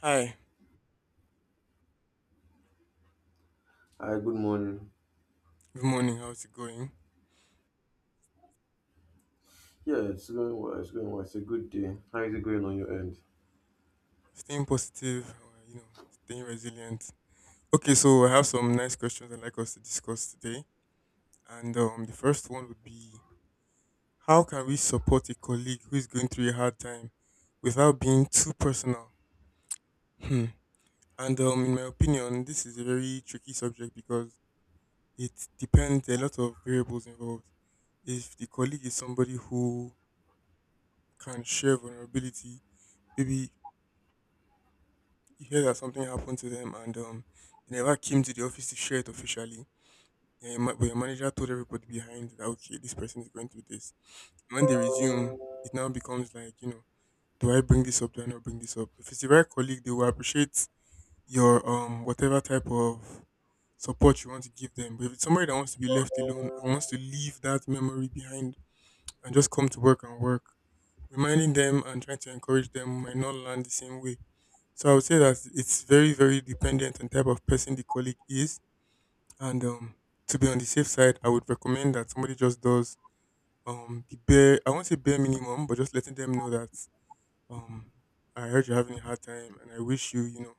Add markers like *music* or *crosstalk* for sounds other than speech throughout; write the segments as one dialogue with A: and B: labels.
A: Hi,
B: Hi, good morning.
A: good morning. How's it going?
B: Yeah, it's going well. It's going well. It's a good day. How is it going on your end?
A: Staying positive, you know, staying resilient. Okay, so I have some nice questions I'd like us to discuss today. And the first one would be, how can we support a colleague who is going through a hard time without being too personal? Hmm. And in my opinion, this is a very tricky subject because it depends, a lot of variables involved. If the colleague is somebody who can share vulnerability, maybe you hear that something happened to them and they never came to the office to share it officially. Yeah, but your manager told everybody behind that okay, this person is going through this. And when they resume, it now becomes like, do I bring this up? Do I not bring this up? If it's the right colleague, they will appreciate your whatever type of support you want to give them. But if it's somebody that wants to be left alone and wants to leave that memory behind and just come to work and work, reminding them and trying to encourage them might not land the same way. So I would say that it's very, very dependent on type of person the colleague is. And to be on the safe side, I would recommend that somebody just does the bare, I won't say bare minimum, but just letting them know that, um, I heard you're having a hard time and I wish you,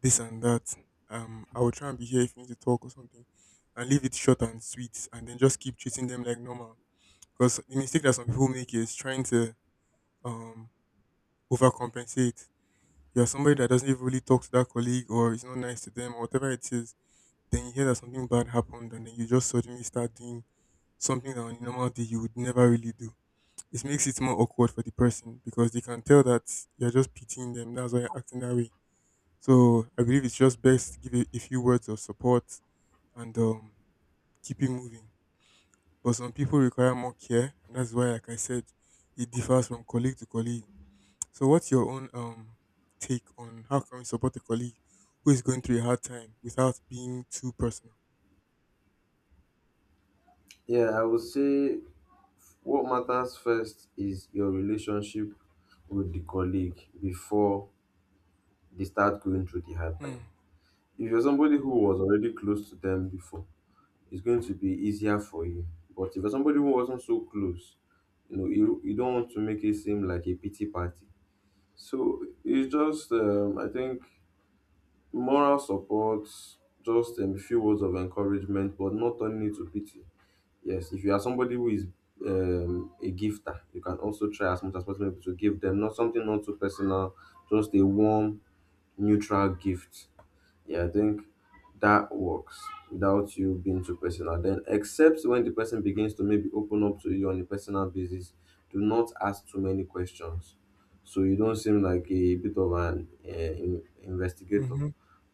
A: this and that. I will try and be here if you need to talk or something, and leave it short and sweet, and then just keep treating them like normal. Because the mistake that some people make is trying to um, overcompensate. You're somebody that doesn't even really talk to that colleague or is not nice to them or whatever it is, then you hear that something bad happened and then you just suddenly start doing something that on a normal day you would never really do. It makes it more awkward for the person because they can tell that you're just pitying them. That's why you're acting that way. So I believe it's just best to give a few words of support and keep it moving. But some people require more care, and that's why, like I said, it differs from colleague to colleague. So, what's your own take on how can we support a colleague who is going through a hard time without being too personal?
B: Yeah, I would say what matters first is your relationship with the colleague before they start going through the hard
A: Hmm.
B: time. If you're somebody who was already close to them before, it's going to be easier for you. But if you're somebody who wasn't so close, you don't want to make it seem like a pity party. So it's just, I think. Moral support, just a few words of encouragement, but not turning it to pity. Yes, if you are somebody who is a gifter, you can also try as much as possible to give them not something not too personal, just a warm, neutral gift. Yeah, I think that works without you being too personal. Then, except when the person begins to maybe open up to you on a personal basis, do not ask too many questions. So you don't seem like a bit of an investigator
A: Mm-hmm.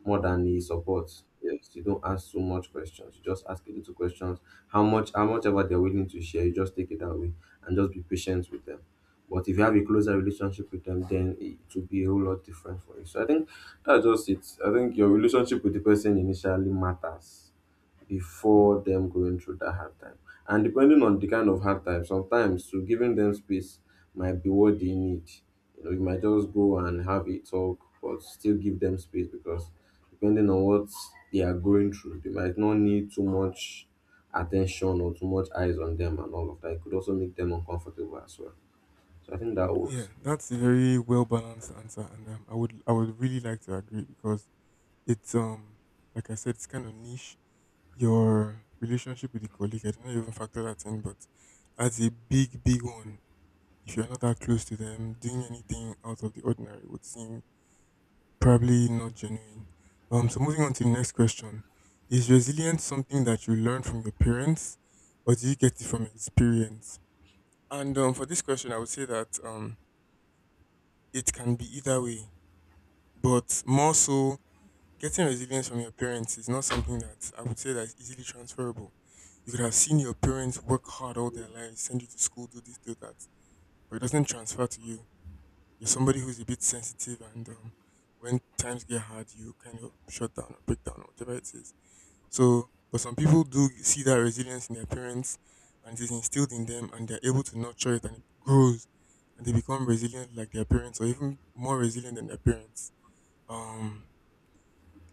B: more than the support. Yes, you don't ask so much questions. You just ask a little questions. How much ever they're willing to share, you just take it that way and just be patient with them. But if you have a closer relationship with them, then it will be a whole lot different for you. So I think that's just it. I think your relationship with the person initially matters before them going through that hard time. And depending on the kind of hard time, sometimes to giving them space might be what they need. You know, you might just go and have a talk, but still give them space because depending on what they are going through, they might not need too much attention or too much eyes on them and all of that. It could also make them uncomfortable as well. So I think that
A: Yeah,
B: works.
A: that's a very well balanced answer, and I would really like to agree because it's like I said, it's kind of niche. Your relationship with the colleague, I don't know if you ever factor that in, but that's a big, big one. If you're not that close to them, doing anything out of the ordinary would seem probably not genuine. So moving on to the next question. Is resilience something that you learn from your parents, or do you get it from experience? And for this question, I would say that, it can be either way, but more so, getting resilience from your parents is not something that I would say that is easily transferable. You could have seen your parents work hard all their lives, send you to school, do this, do that, but it doesn't transfer to you. You're somebody who's a bit sensitive and when times get hard you kind of shut down or break down or whatever it is, so. But some people do see that resilience in their parents, and it is instilled in them, and they're able to nurture it and it grows, and they become resilient like their parents or even more resilient than their parents. um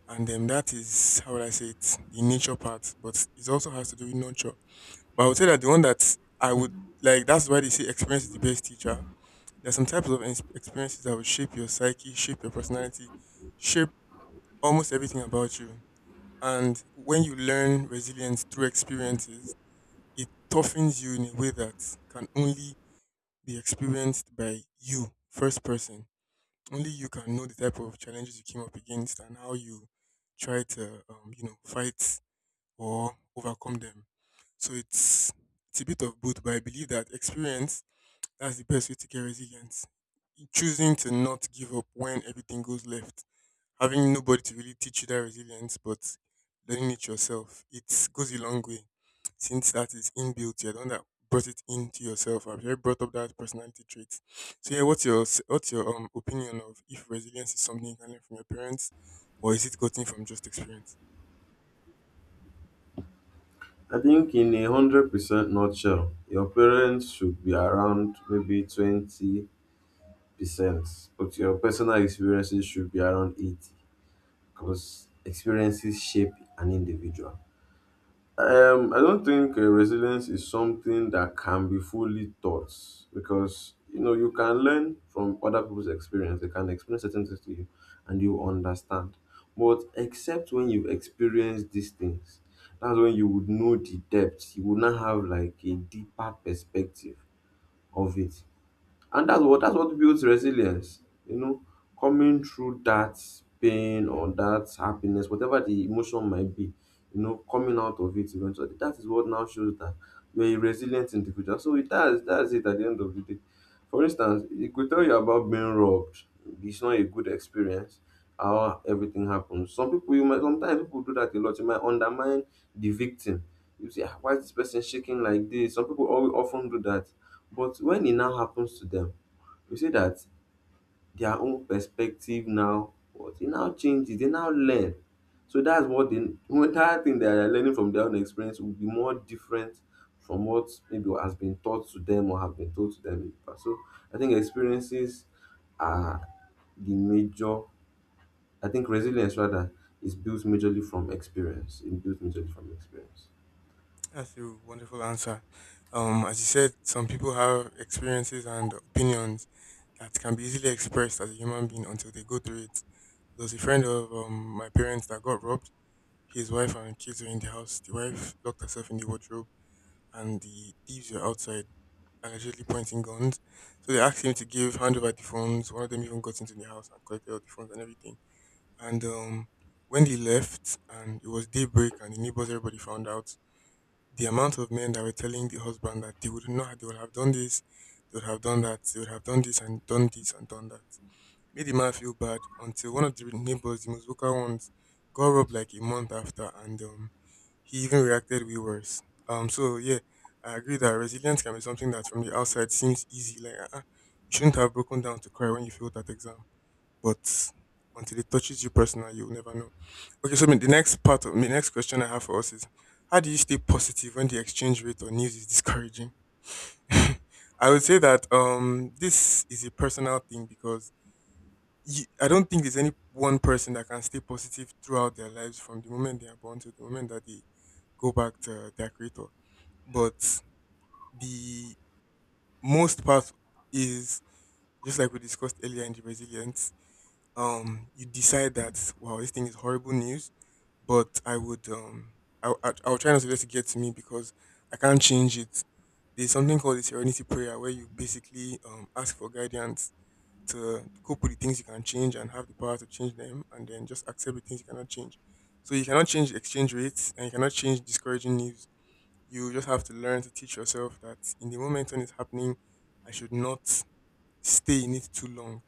A: and then that is, how would I say it, the nature part, but it also has to do with nurture. But I would say that the one that I would, like, that's why they say experience is the best teacher. There are some types of experiences that will shape your psyche, shape your personality, shape almost everything about you. And when you learn resilience through experiences, it toughens you in a way that can only be experienced by you, first person. Only you can know the type of challenges you came up against and how you try to, fight or overcome them. So it's a bit of both, but I believe that experience, that's the best way to get resilience. Choosing to not give up when everything goes left. Having nobody to really teach you that resilience, but learning it yourself, it goes a long way. Since that is inbuilt, you're the one that brought it into yourself. I've already brought up that personality trait. So yeah, what's your opinion of if resilience is something you can learn from your parents, or is it gotten from just experience?
B: I think in 100% nutshell, your parents should be around maybe 20%, but your personal experiences should be around 80 because experiences shape an individual. I don't think resilience is something that can be fully taught because you know you can learn from other people's experience. They can explain certain things to you, and you understand. But except when you've experienced these things, that's when you would know the depth. You would not have like a deeper perspective of it. And that's what builds resilience, you know, coming through that pain or that happiness, whatever the emotion might be, coming out of it eventually. That is what now shows that you're a resilient individual. So it does that's it at the end of the day. For instance, it could tell you about being robbed. It's not a good experience. How everything happens. Some people you might sometimes people do that a lot. You might undermine the victim. You say, "Ah, why is this person shaking like this?" Some people often do that. But when it now happens to them, you see that their own perspective, now what e now changes, they now learn. So that's what the entire thing that they're learning from their own experience will be more different from what maybe has been taught to them or have been told to them in the past. So I think experiences are the major. I think resilience rather is built majorly from experience. It's built majorly from experience.
A: That's a wonderful answer. As you said, some people have experiences and opinions that can be easily expressed as a human being until they go through it. There was a friend of my parents that got robbed. His wife and kids were in the house. The wife locked herself in the wardrobe, and the thieves were outside, allegedly pointing guns. So they asked him to give hand over the phones. One of them even got into the house and collected all the phones and everything. And when they left and it was daybreak and the neighbors, everybody found out, the amount of men that were telling the husband that they would not, they would have done this, they would have done that, they would have done this and done this and done that, made the man feel bad until one of the neighbors, the most vocal ones, got robbed like a month after, and he even reacted way worse. So yeah, I agree that resilience can be something that from the outside seems easy, like, you shouldn't have broken down to cry when you failed that exam, but until it touches you personally, you'll never know. Okay, so I mean, the next part of the next question I have for us is, how do you stay positive when the exchange rate or news is discouraging? *laughs* I would say that this is a personal thing because I don't think there's any one person that can stay positive throughout their lives from the moment they are born to the moment that they go back to their creator. But the most part is just like we discussed earlier in the resilience, you decide that wow, this thing is horrible news, but I would I I'll try not to let it get to me because I can't change it. There's something called the serenity prayer, where you basically ask for guidance to cope with the things you can change and have the power to change them, and then just accept the things you cannot change. So you cannot change exchange rates and you cannot change discouraging news. You just have to learn to teach yourself that in the moment when it's happening, I should not stay in it too long.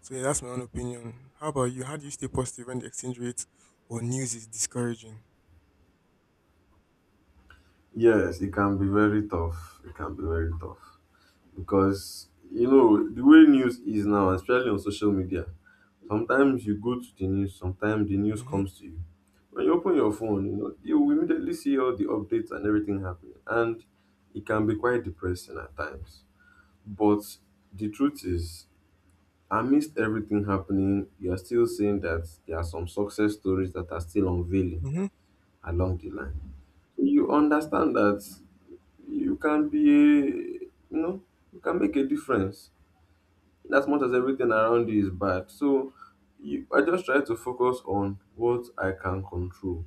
A: So yeah, that's my own opinion. How about you? How do you stay positive when the exchange rate or news is discouraging?
B: Yes, it can be very tough. It can be very tough because you know the way news is now, especially on social media, sometimes you go to the news, sometimes the news
A: Mm-hmm.
B: comes to you. When you open your phone, you know you will immediately see all the updates and everything happening, and it can be quite depressing at times. But the truth is, amidst everything happening, you are still seeing that there are some success stories that are still unveiling
A: Mm-hmm.
B: along the line. You understand that you can be a, you know, you can make a difference as much as everything around you is bad. So I just try to focus on what I can control.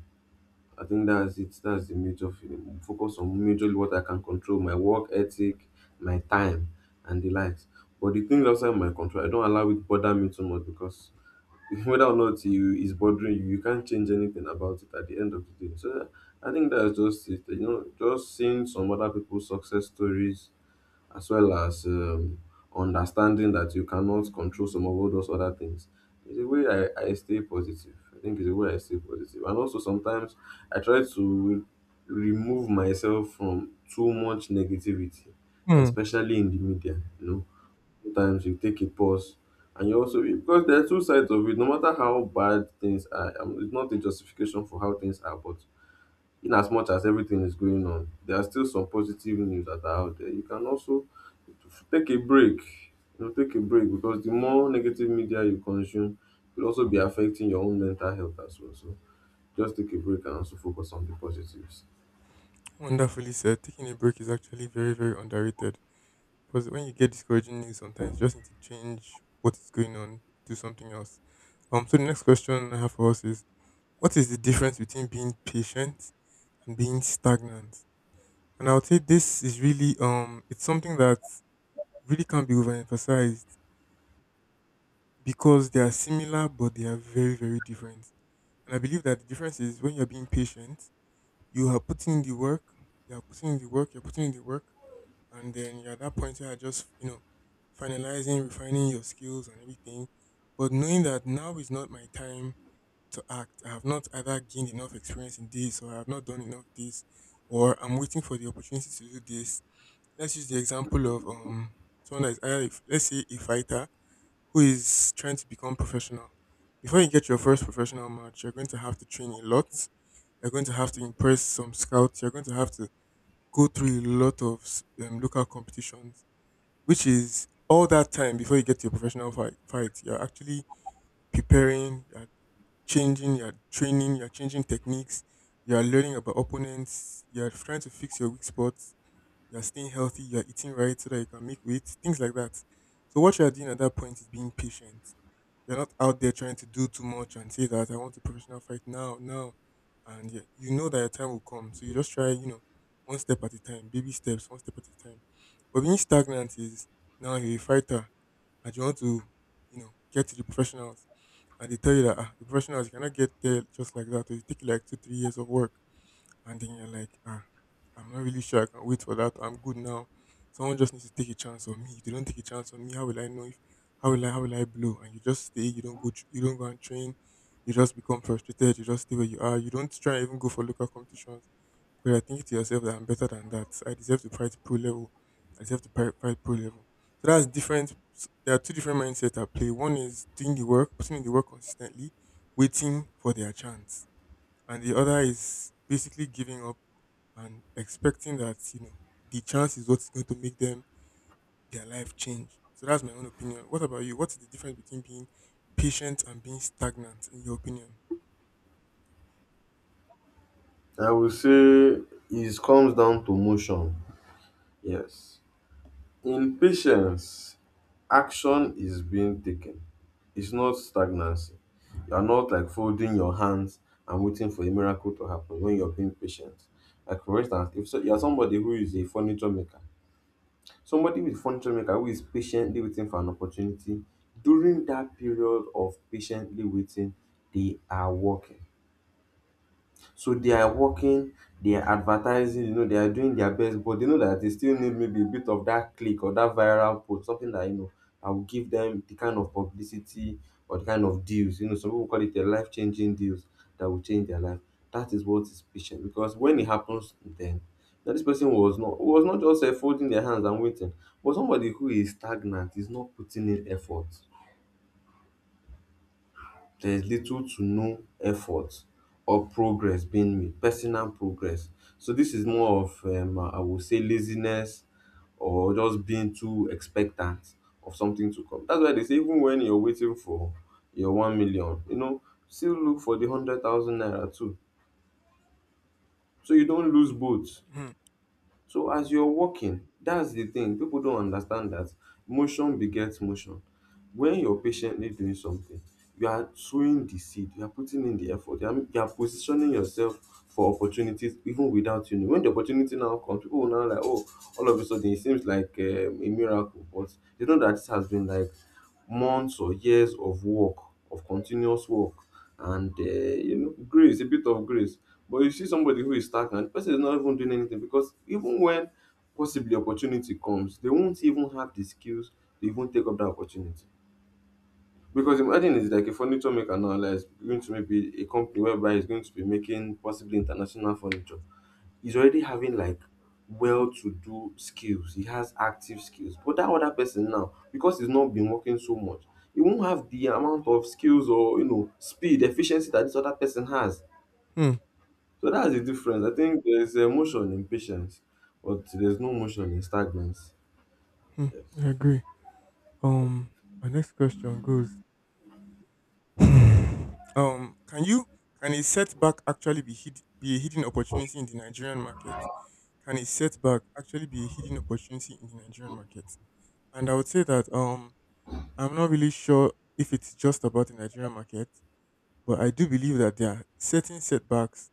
B: I think that's it. That's the major feeling. Focus on majorly what I can control, my work ethic, my time, and the likes. But the things outside my control, I don't allow it bother me too much because *laughs* whether or not you is bothering you, you can't change anything about it at the end of the day. So I think that's just it. Just seeing some other people's success stories as well as understanding that you cannot control some of all those other things. It's a way I stay positive. I think it's a way I stay positive. And also sometimes I try to remove myself from too much negativity,
A: Hmm.
B: especially in the media. You know, sometimes you take a pause and you also because there are two sides of it. No matter how bad things are, it's not a justification for how things are, but in as much as everything is going on, there are still some positive news that are out there. You can also take a break. You know, take a break because the more negative media you consume, will also be affecting your own mental health as well. So just take a break and also focus on the positives.
A: Wonderfully said. Taking a break is actually very, very underrated. Because when you get discouraging news, sometimes you just need to change what is going on, do something else. So the next question I have for us is: what is the difference between being patient and being stagnant? And I would say this is really, it's something that really can't be overemphasized because they are similar but they are very, very different. And I believe that the difference is, when you're being patient, you are putting in the work, you are putting in the work, you're putting in the work, and then you're at that point you are just, finalizing, refining your skills and everything. But knowing that now is not my time to act. I have not either gained enough experience in this, or I have not done enough this, or I'm waiting for the opportunity to do this. Let's use the example of someone that is either if, let's say, a fighter who is trying to become professional. Before you get your first professional match, you're going to have to train a lot. You're going to have to impress some scouts. You're going to have to go through a lot of local competitions, which is all that time before you get to your professional fight. You're actually preparing, you're changing, you're training, you're changing techniques, you're learning about opponents, you're trying to fix your weak spots, you're staying healthy, you're eating right so that you can make weight, things like that. So what you're doing at that point is being patient. You're not out there trying to do too much and say that I want a professional fight now, now, and yeah, you know that your time will come. So you just try, one step at a time, baby steps, one step at a time. But being stagnant is, now you're a fighter and you want to get to the professionals and they tell you that the professionals you cannot get there just like that. So it will take you like 2, 3 years of work and then you're like, I'm not really sure I can wait for that. I'm good now. Someone just needs to take a chance on me. If they don't take a chance on me, how will I know if how will I how will I blow? And you just stay, you don't go and train, you just become frustrated, you just stay where you are, you don't try and even go for local competitions. Because you're thinking to yourself that I'm better than that. I deserve to fight pro level. I deserve to fight pro level. So there are two different mindsets at play. One is doing the work, putting in the work consistently, waiting for their chance, and the other is basically giving up and expecting that the chance is what's going to make them their life change. So that's my own opinion. What about you? What's the difference between being patient and being stagnant, in your opinion?
B: I will say it comes down to motion. Yes. In patience, action is being taken. It's not stagnancy. You are not like folding your hands and waiting for a miracle to happen when you're being patient. Like for instance, if so, you're somebody who is a furniture maker Somebody with furniture maker who is patiently waiting for an opportunity, during that period of patiently waiting, they are working. So they are working, they are advertising, they are doing their best, but they know that they still need maybe a bit of that click or that viral post, something that I will give them the kind of publicity or the kind of deals. Some people call it a life-changing deals that will change their life. That is what is patient because when it happens, then that this person was not just folding their hands and waiting, but somebody who is stagnant is not putting in effort. There's little to no effort or progress being made, personal progress. So this is more of I would say laziness or just being too expectant of something to come. That's why they say even when you're waiting for your 1 million, still look for the 100,000 naira too. So you don't lose both.
A: Hmm.
B: So as you're walking, that's the thing. People don't understand that motion begets motion. When you're patiently doing something, you are sowing the seed, you are putting in the effort, you are positioning yourself for opportunities even without you know. When the opportunity now comes, people will now like, oh, all of a sudden it seems like a miracle, but you know that this has been like months or years of work of continuous work and grace, a bit of grace. But you see somebody who is stagnant. The person is not even doing anything because even when possibly opportunity comes, they won't even have the skills to even take up that opportunity because imagine it's like a furniture maker now, like he's going to maybe a company whereby it's going to be making possibly international furniture. He's already having like well-to-do skills. He has active skills. But that other person now, because he's not been working so much, he won't have the amount of skills or speed, efficiency that this other person has.
A: Hmm.
B: So that's the difference. I think there's emotion in patience, but there's no motion in stagnance.
A: Hmm.
B: Yes.
A: I agree. Um, our next question goes. *laughs* um, can you can a setback actually be a hidden opportunity in the Nigerian market? Can a setback actually be a hidden opportunity in the Nigerian market? And I would say that I'm not really sure if it's just about the Nigerian market, but I do believe that there are certain setbacks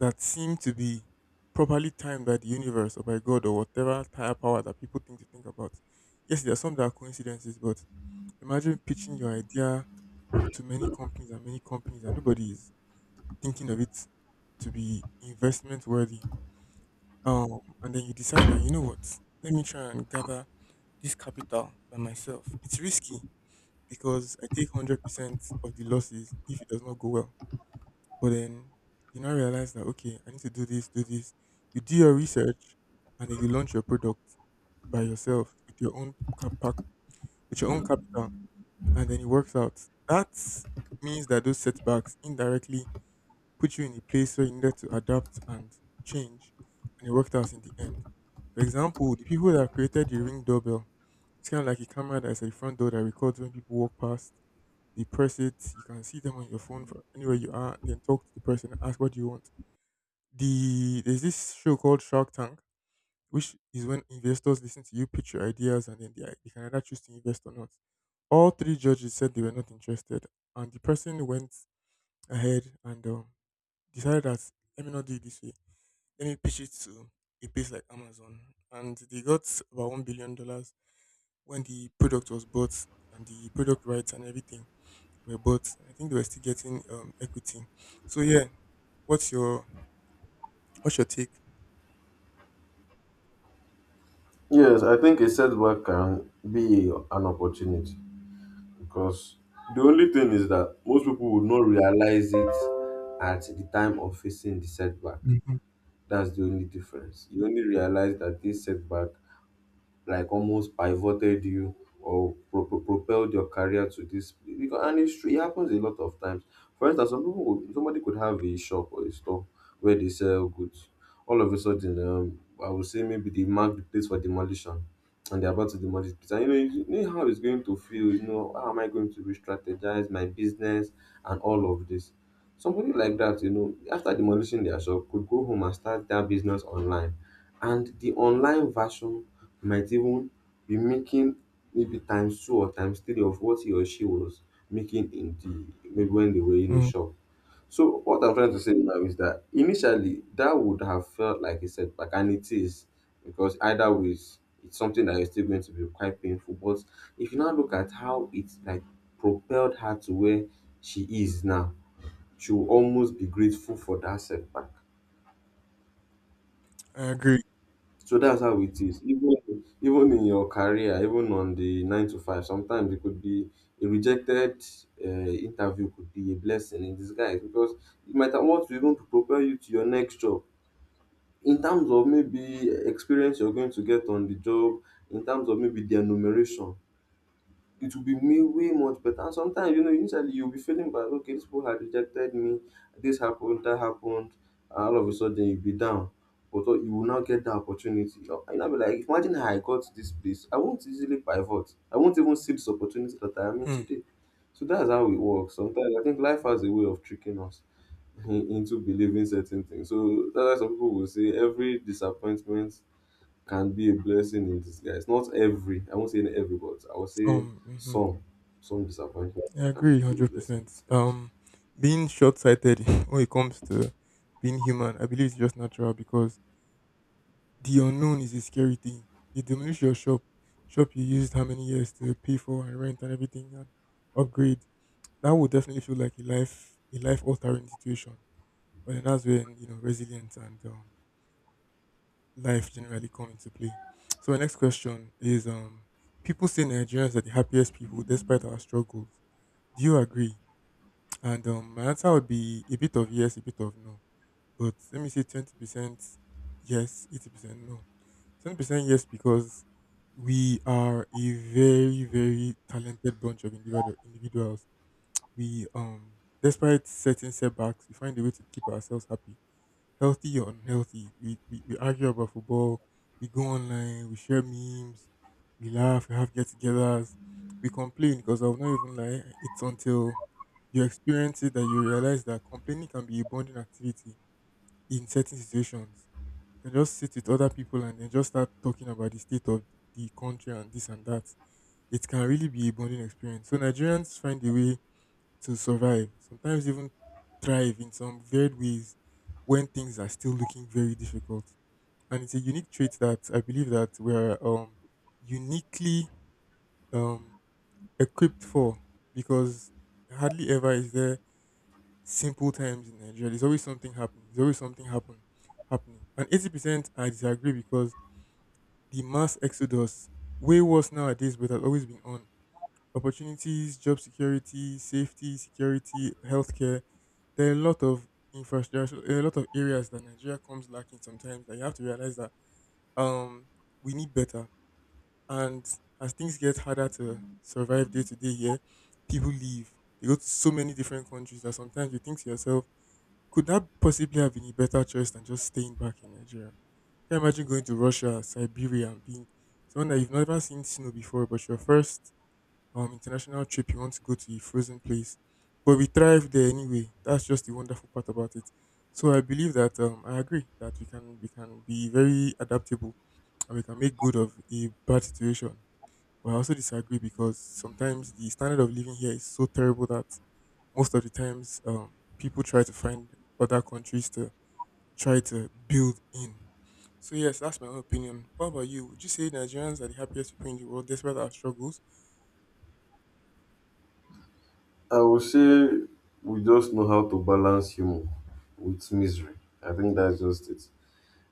A: that seem to be properly timed by the universe or by God or whatever higher power that people think to think about. Yes, there are some that are coincidences, but imagine pitching your idea for too many companies and nobody is thinking of it to be investment worthy. And then you decide that, you know what, let me try and gather this capital by myself. It's risky because I take 100% of the losses if it does not go well. But then you now realize that, okay, I need to do this, do this. You do your research and then you launch your product by yourself with your own capital, with your own capital, and then it works out. That means that those setbacks indirectly put you in a place where you needed to adapt and change, and it worked out in the end. For example, the people that created the Ring doorbell, it's kind of like a camera that's at the front door that records when people walk past, they press it. You can see them on your phone from anywhere you are. Then talk to the person, ask what you want. There's this show called Shark Tank, which is when investors listen to you pitch your ideas and then they can either choose to invest or not. All three judges said they were not interested, and the person went ahead and decided that let me not do it this way. Let me pitch it to a place like Amazon, and they got about $1 billion when the product was bought and the product rights and everything were bought. I think they were still getting equity. So yeah, what's your what's your take?
B: Yes, I think a setback can be an opportunity because the only thing is that most people would not realize it at the time of facing the setback.
A: Mhm.
B: That's the only difference. You only realize that this setback like almost pivoted you or propelled your career to this place. Because, and it's true, it happens a lot of times. For instance, some people would, somebody could have a shop or a store where they sell goods. All of a sudden, I would say maybe they mark the place for demolition and they're about to demolish the place. And you know how it's going to feel, how am I going to re-strategize my business and all of this. Somebody like that, after demolishing their shop, could go home and start their business online. And the online version you might even be making maybe times two or times three of what he or she was making in the maybe when they were in the
A: Mm,
B: shop. So what I'm trying to say now is that initially that would have felt like a setback, and it is, because either ways it's something that is still going to be quite painful. But if you now look at how it like propelled her to where she is now, she will almost be grateful for that setback.
A: I agree.
B: So that's how it is. Even in your career, even on the nine to five, sometimes it could be a rejected interview, could be a blessing in disguise, because it might have what to even to propel you to your next job. In terms of maybe experience you're going to get on the job, in terms of maybe the enumeration, it will be way much better. And sometimes, initially you'll be feeling bad. Okay, these people had rejected me, this happened, that happened, and all of a sudden you'll be down. But you will now get the opportunity, and I'll be like, imagine how I got this place. I won't easily pivot. I won't even see this opportunity that I am in
A: Hmm.
B: today. So that's how it works. Sometimes I think life has a way of tricking us *laughs* into believing certain things. So that's why some people will say every disappointment can be a blessing in disguise. Not every, I won't say every, but I will say
A: Mhm.
B: some, some disappointments
A: I
B: can
A: agree
B: be a
A: hundred
B: blessing in
A: percent.
B: disguise.
A: Being short sighted *laughs* when it comes to being human, I believe it's just natural because the unknown is a scary thing. They demolish your shop, you used how many years to pay for and rent and everything and upgrade. That would definitely feel like a life altering situation. But then that's when you know resilience and life generally come into play. So my next question is: people say Nigerians are the happiest people despite our struggles. Do you agree? And my answer would be a bit of yes, a bit of no. But let me say 20% yes, 80% no. 20% yes because we are a very, very talented bunch of individuals. We, despite certain setbacks, we find a way to keep ourselves happy, healthy or unhealthy. We argue about football, we go online, we share memes, we laugh, we have get togethers, we complain because I'll not even lie, it's until you experience it that you realize that complaining can be a bonding activity in certain situations. You can just sit with other people and then just start talking about the state of the country and this and that. It can really be a bonding experience. So Nigerians find a way to survive, sometimes even thrive in some weird ways when things are still looking very difficult. And it's a unique trait that I believe that we're uniquely um, equipped for, because hardly ever is there simple times in Nigeria. There's always something happening. There's always something happening. And 80% I disagree because the mass exodus, way worse nowadays, but has always been on. Opportunities, job security, safety, security, healthcare, there are a lot of infrastructure, there are a lot of areas that Nigeria comes lacking sometimes that you have to realize that um we need better. And as things get harder to survive day to day here, people leave. They go to so many different countries that sometimes you think to yourself, could that possibly have been a better choice than just staying back in Nigeria? Can you imagine going to Russia, Siberia, and being someone that you've never seen snow before, but your first international trip you want to go to a frozen place? But we thrive there anyway. That's just the wonderful part about it. So I believe that I agree that we can be very adaptable and we can make good of a bad situation, but I also disagree because sometimes the standard of living here is so terrible that most of the times people try to find other countries to try to build in. So yes, that's my own opinion. What about you? Would you say Nigerians are the happiest people in the world despite our struggles?
B: I would say we just know how to balance humor with misery. I think that's just it.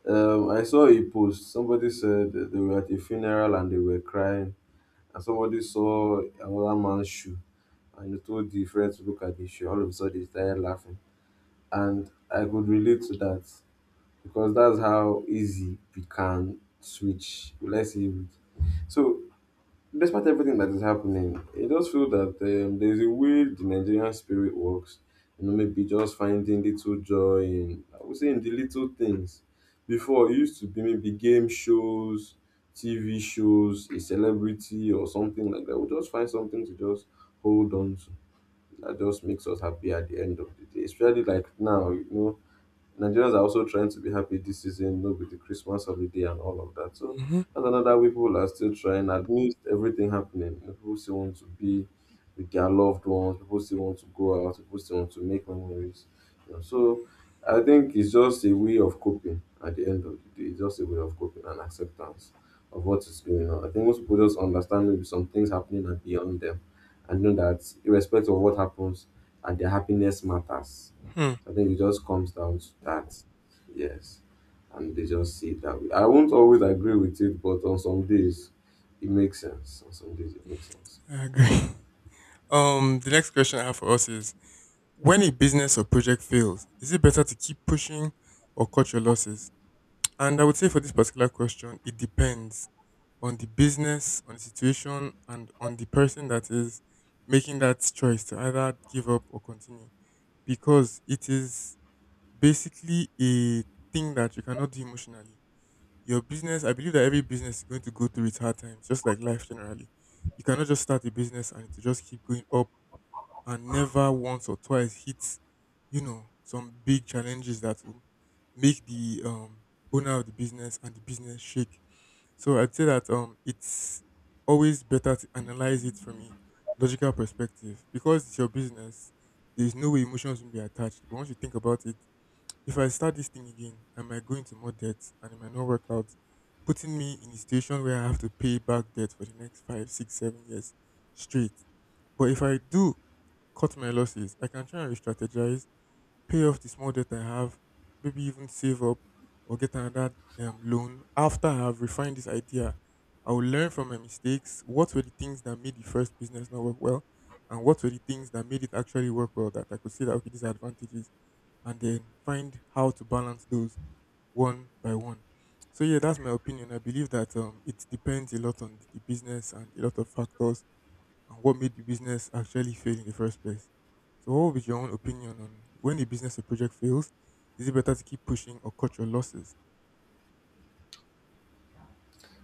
B: I saw a post. Somebody said that they were at a funeral and they were crying, and somebody saw another man's shoe, and he told the friend to look at the shoe. All of a sudden, they started laughing, and I could relate to that, because that's how easy we can switch. Let's say it. So, despite everything that is happening, it does feel that there's a way the Nigerian spirit works. You know, maybe just finding little joy in, I would say, in the little things. Before, it used to be maybe game shows, TV shows, a celebrity or something like that. We'll just find something to just hold on to, that just makes us happy at the end of the day. Especially like now, you know, Nigerians are also trying to be happy this season, you know, with the Christmas holiday and all of that. So
A: Hmm.
B: that's another way people are still trying amidst everything happening. You know, people still want to be with their loved ones, people still want to go out, people still want to make memories. You know, so I think it's just a way of coping at the end of the day. It's just a way of coping and acceptance of what is going on. I think most people just understand maybe some things happening are beyond them, and know that irrespective of what happens, and their happiness matters.
A: Hmm.
B: I think it just comes down to that. Yes. And they just see it that way. I won't always agree with it, but on some days it makes sense. On some days it makes sense.
A: I agree. *laughs* The next question I have for us is: when a business or project fails, is it better to keep pushing or cut your losses? And I would say for this particular question, it depends on the business, on the situation, and on the person that is making that choice to either give up or continue, because it is basically a thing that you cannot do emotionally. Your business, I believe that every business is going to go through its hard times, just like life generally. You cannot just start a business and to just keep going up and never once or twice hit, you know, some big challenges that will make the owner of the business and the business shake. So I'd say that it's always better to analyze it from a logical perspective because it's your business. There's no way emotions will be attached. But once you think about it, if I start this thing again, I might go into more debt and it might not work out, putting me in a situation where I have to pay back debt for the next 5, 6, 7 years straight. But if I do cut my losses, I can try and re-strategize, pay off the small debt I have, maybe even save up or get another loan. After I have refined this idea, I will learn from my mistakes. What were the things that made the first business not work well? And what were the things that made it actually work well that I could see that, okay, these are advantages, and then find how to balance those one by one. So yeah, that's my opinion. I believe that it depends a lot on the business and a lot of factors and what made the business actually fail in the first place. So what would be your own opinion on when a business or project fails? Is it better to keep pushing or cut your losses?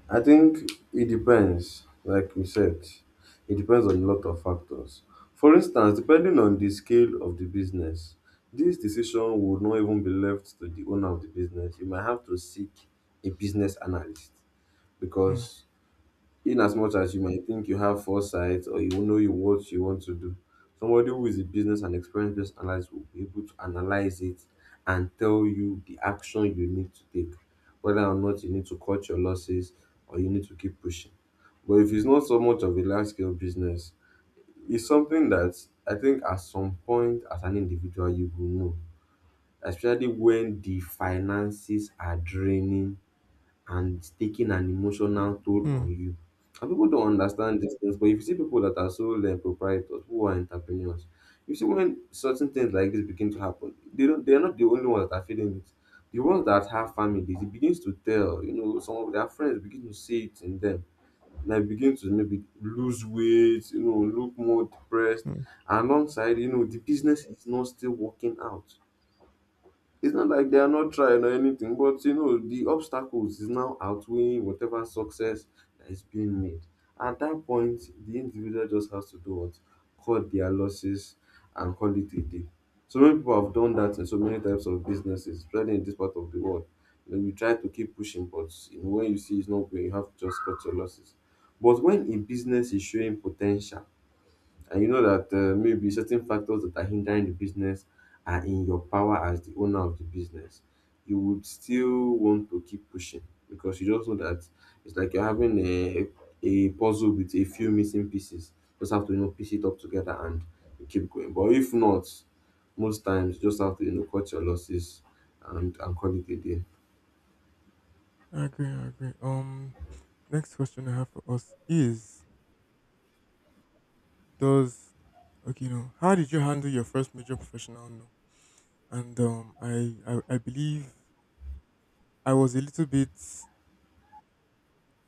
B: I think it depends, like you said, it depends on a lot of factors. For instance, depending on the scale of the business, this decision would not even be left to the owner of the business. You might have to seek a business analyst,
A: Hmm.
B: because in as much as you might think you have foresight, or you know you what you want to do, somebody who is a business and experienced business analyst will be able to analyze it and tell you the action you need to take, whether or not you need to cut your losses or you need to keep pushing. But if it's not so much of a large scale business, it's something that I think at some point as an individual you will know, especially when the finances are draining and it's taking an emotional toll
A: Hmm.
B: on you. And people don't understand these things, but if you see people that are sole proprietors, who are entrepreneurs, you see when certain things like this begin to happen, they don't, they're not the only ones that are feeling it. The ones that have families, it begins to tell, you know, some of their friends begin to see it in them. And I begin to maybe lose weight, you know, look more depressed.
A: Hmm.
B: And alongside, you know, the business is not still working out. It's not like they are not trying or anything, but you know, the obstacles is now outweighing whatever success that is being made. At that point, the individual just has to do what? Cut their losses and call it a day. So many people have done that in so many types of businesses, especially in this part of the world. You know, you try to keep pushing, but you know, when you see it's not going, you have to just cut your losses. But when a business is showing potential, and you know that maybe certain factors that are hindering the business are in your power as the owner of the business, you would still want to keep pushing, because you just know that it's like you're having a puzzle with a few missing pieces. Just have to, you know, piece it up together and you keep going. But if not, most times you just have to, you know, cut your losses and call it a day.
A: I agree. I agree. Next question I have for us is: does okay? No. How did you handle your first major professional? No. And I believe I was a little bit,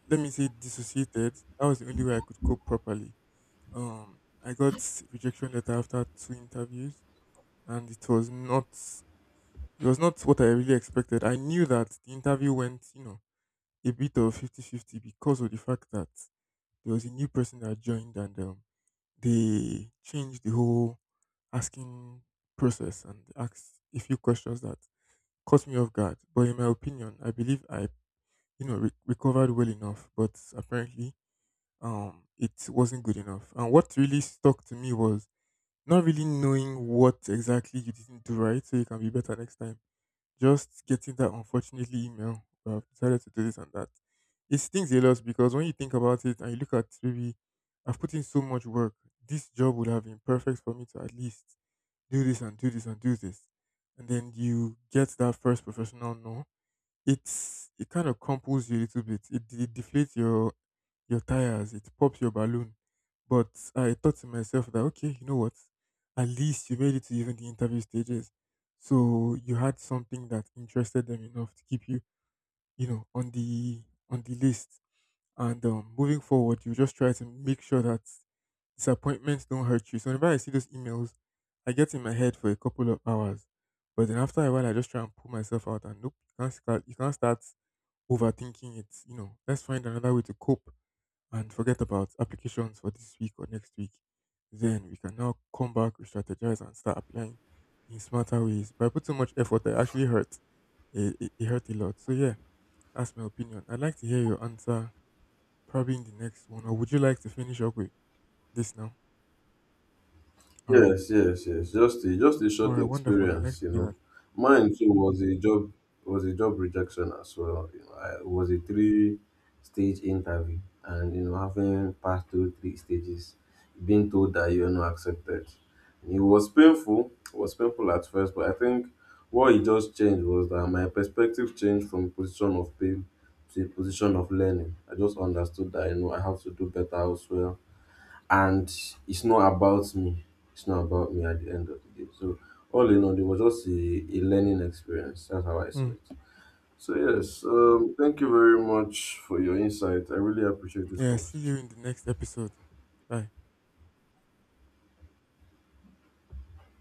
A: let me say, dissociated. That was the only way I could cope properly. I got rejection letter after two interviews, and it was not what I really expected. I knew that the interview went, you know, a bit of 50-50 because of the fact that there was a new person that joined, and they changed the whole asking process and asked a few questions that caught me off guard. But in my opinion, I believe I, you know, recovered well enough, but apparently it wasn't good enough. And what really stuck to me was not really knowing what exactly you didn't do right so you can be better next time. Just getting that unfortunately email: "Well, I've decided to do this and that." It stings a lot because when you think about it and you look at maybe I've put in so much work, this job would have been perfect for me to at least do this and do this and do this. And then you get that first professional no, it kind of crumples you a little bit. It deflates your tires. It pops your balloon. But I thought to myself that, okay, you know what? At least you made it to even the interview stages. So you had something that interested them enough to keep you, you know, on the list. And moving forward, you just try to make sure that disappointments don't hurt you. So whenever I see those emails, I get in my head for a couple of hours. But then after a while, I just try and pull myself out, and nope, you can't start. You can't start overthinking it. You know, let's find another way to cope and forget about applications for this week or next week. Then we can now come back, re-strategize, and start applying in smarter ways. But I put so much effort that it actually hurt. It hurt a lot. So yeah, that's my opinion. I'd like to hear your answer probably in the next one, or would you like to finish up with this now? All right.
B: Yes, yes, yes. Just a
A: All
B: short
A: right. Wonderful. I'd like to
B: experience, you
A: hear that.
B: know. Mine too was a job rejection as well. You know, I, it was a three stage interview, and you know, having passed through three stages, being told that you are not accepted. It was painful at first, but I think what it just changed was that my perspective changed from position of pain to a position of learning. I just understood that, you know, I have to do better elsewhere, and it's not about me. It's not about me at the end of the day. So all in all, it was just a learning experience. That's how I saw
A: Hmm.
B: it. So yes, thank you very much for your insight. I really appreciate this
A: Yeah. See you
B: conversation.
A: in the next episode. Bye.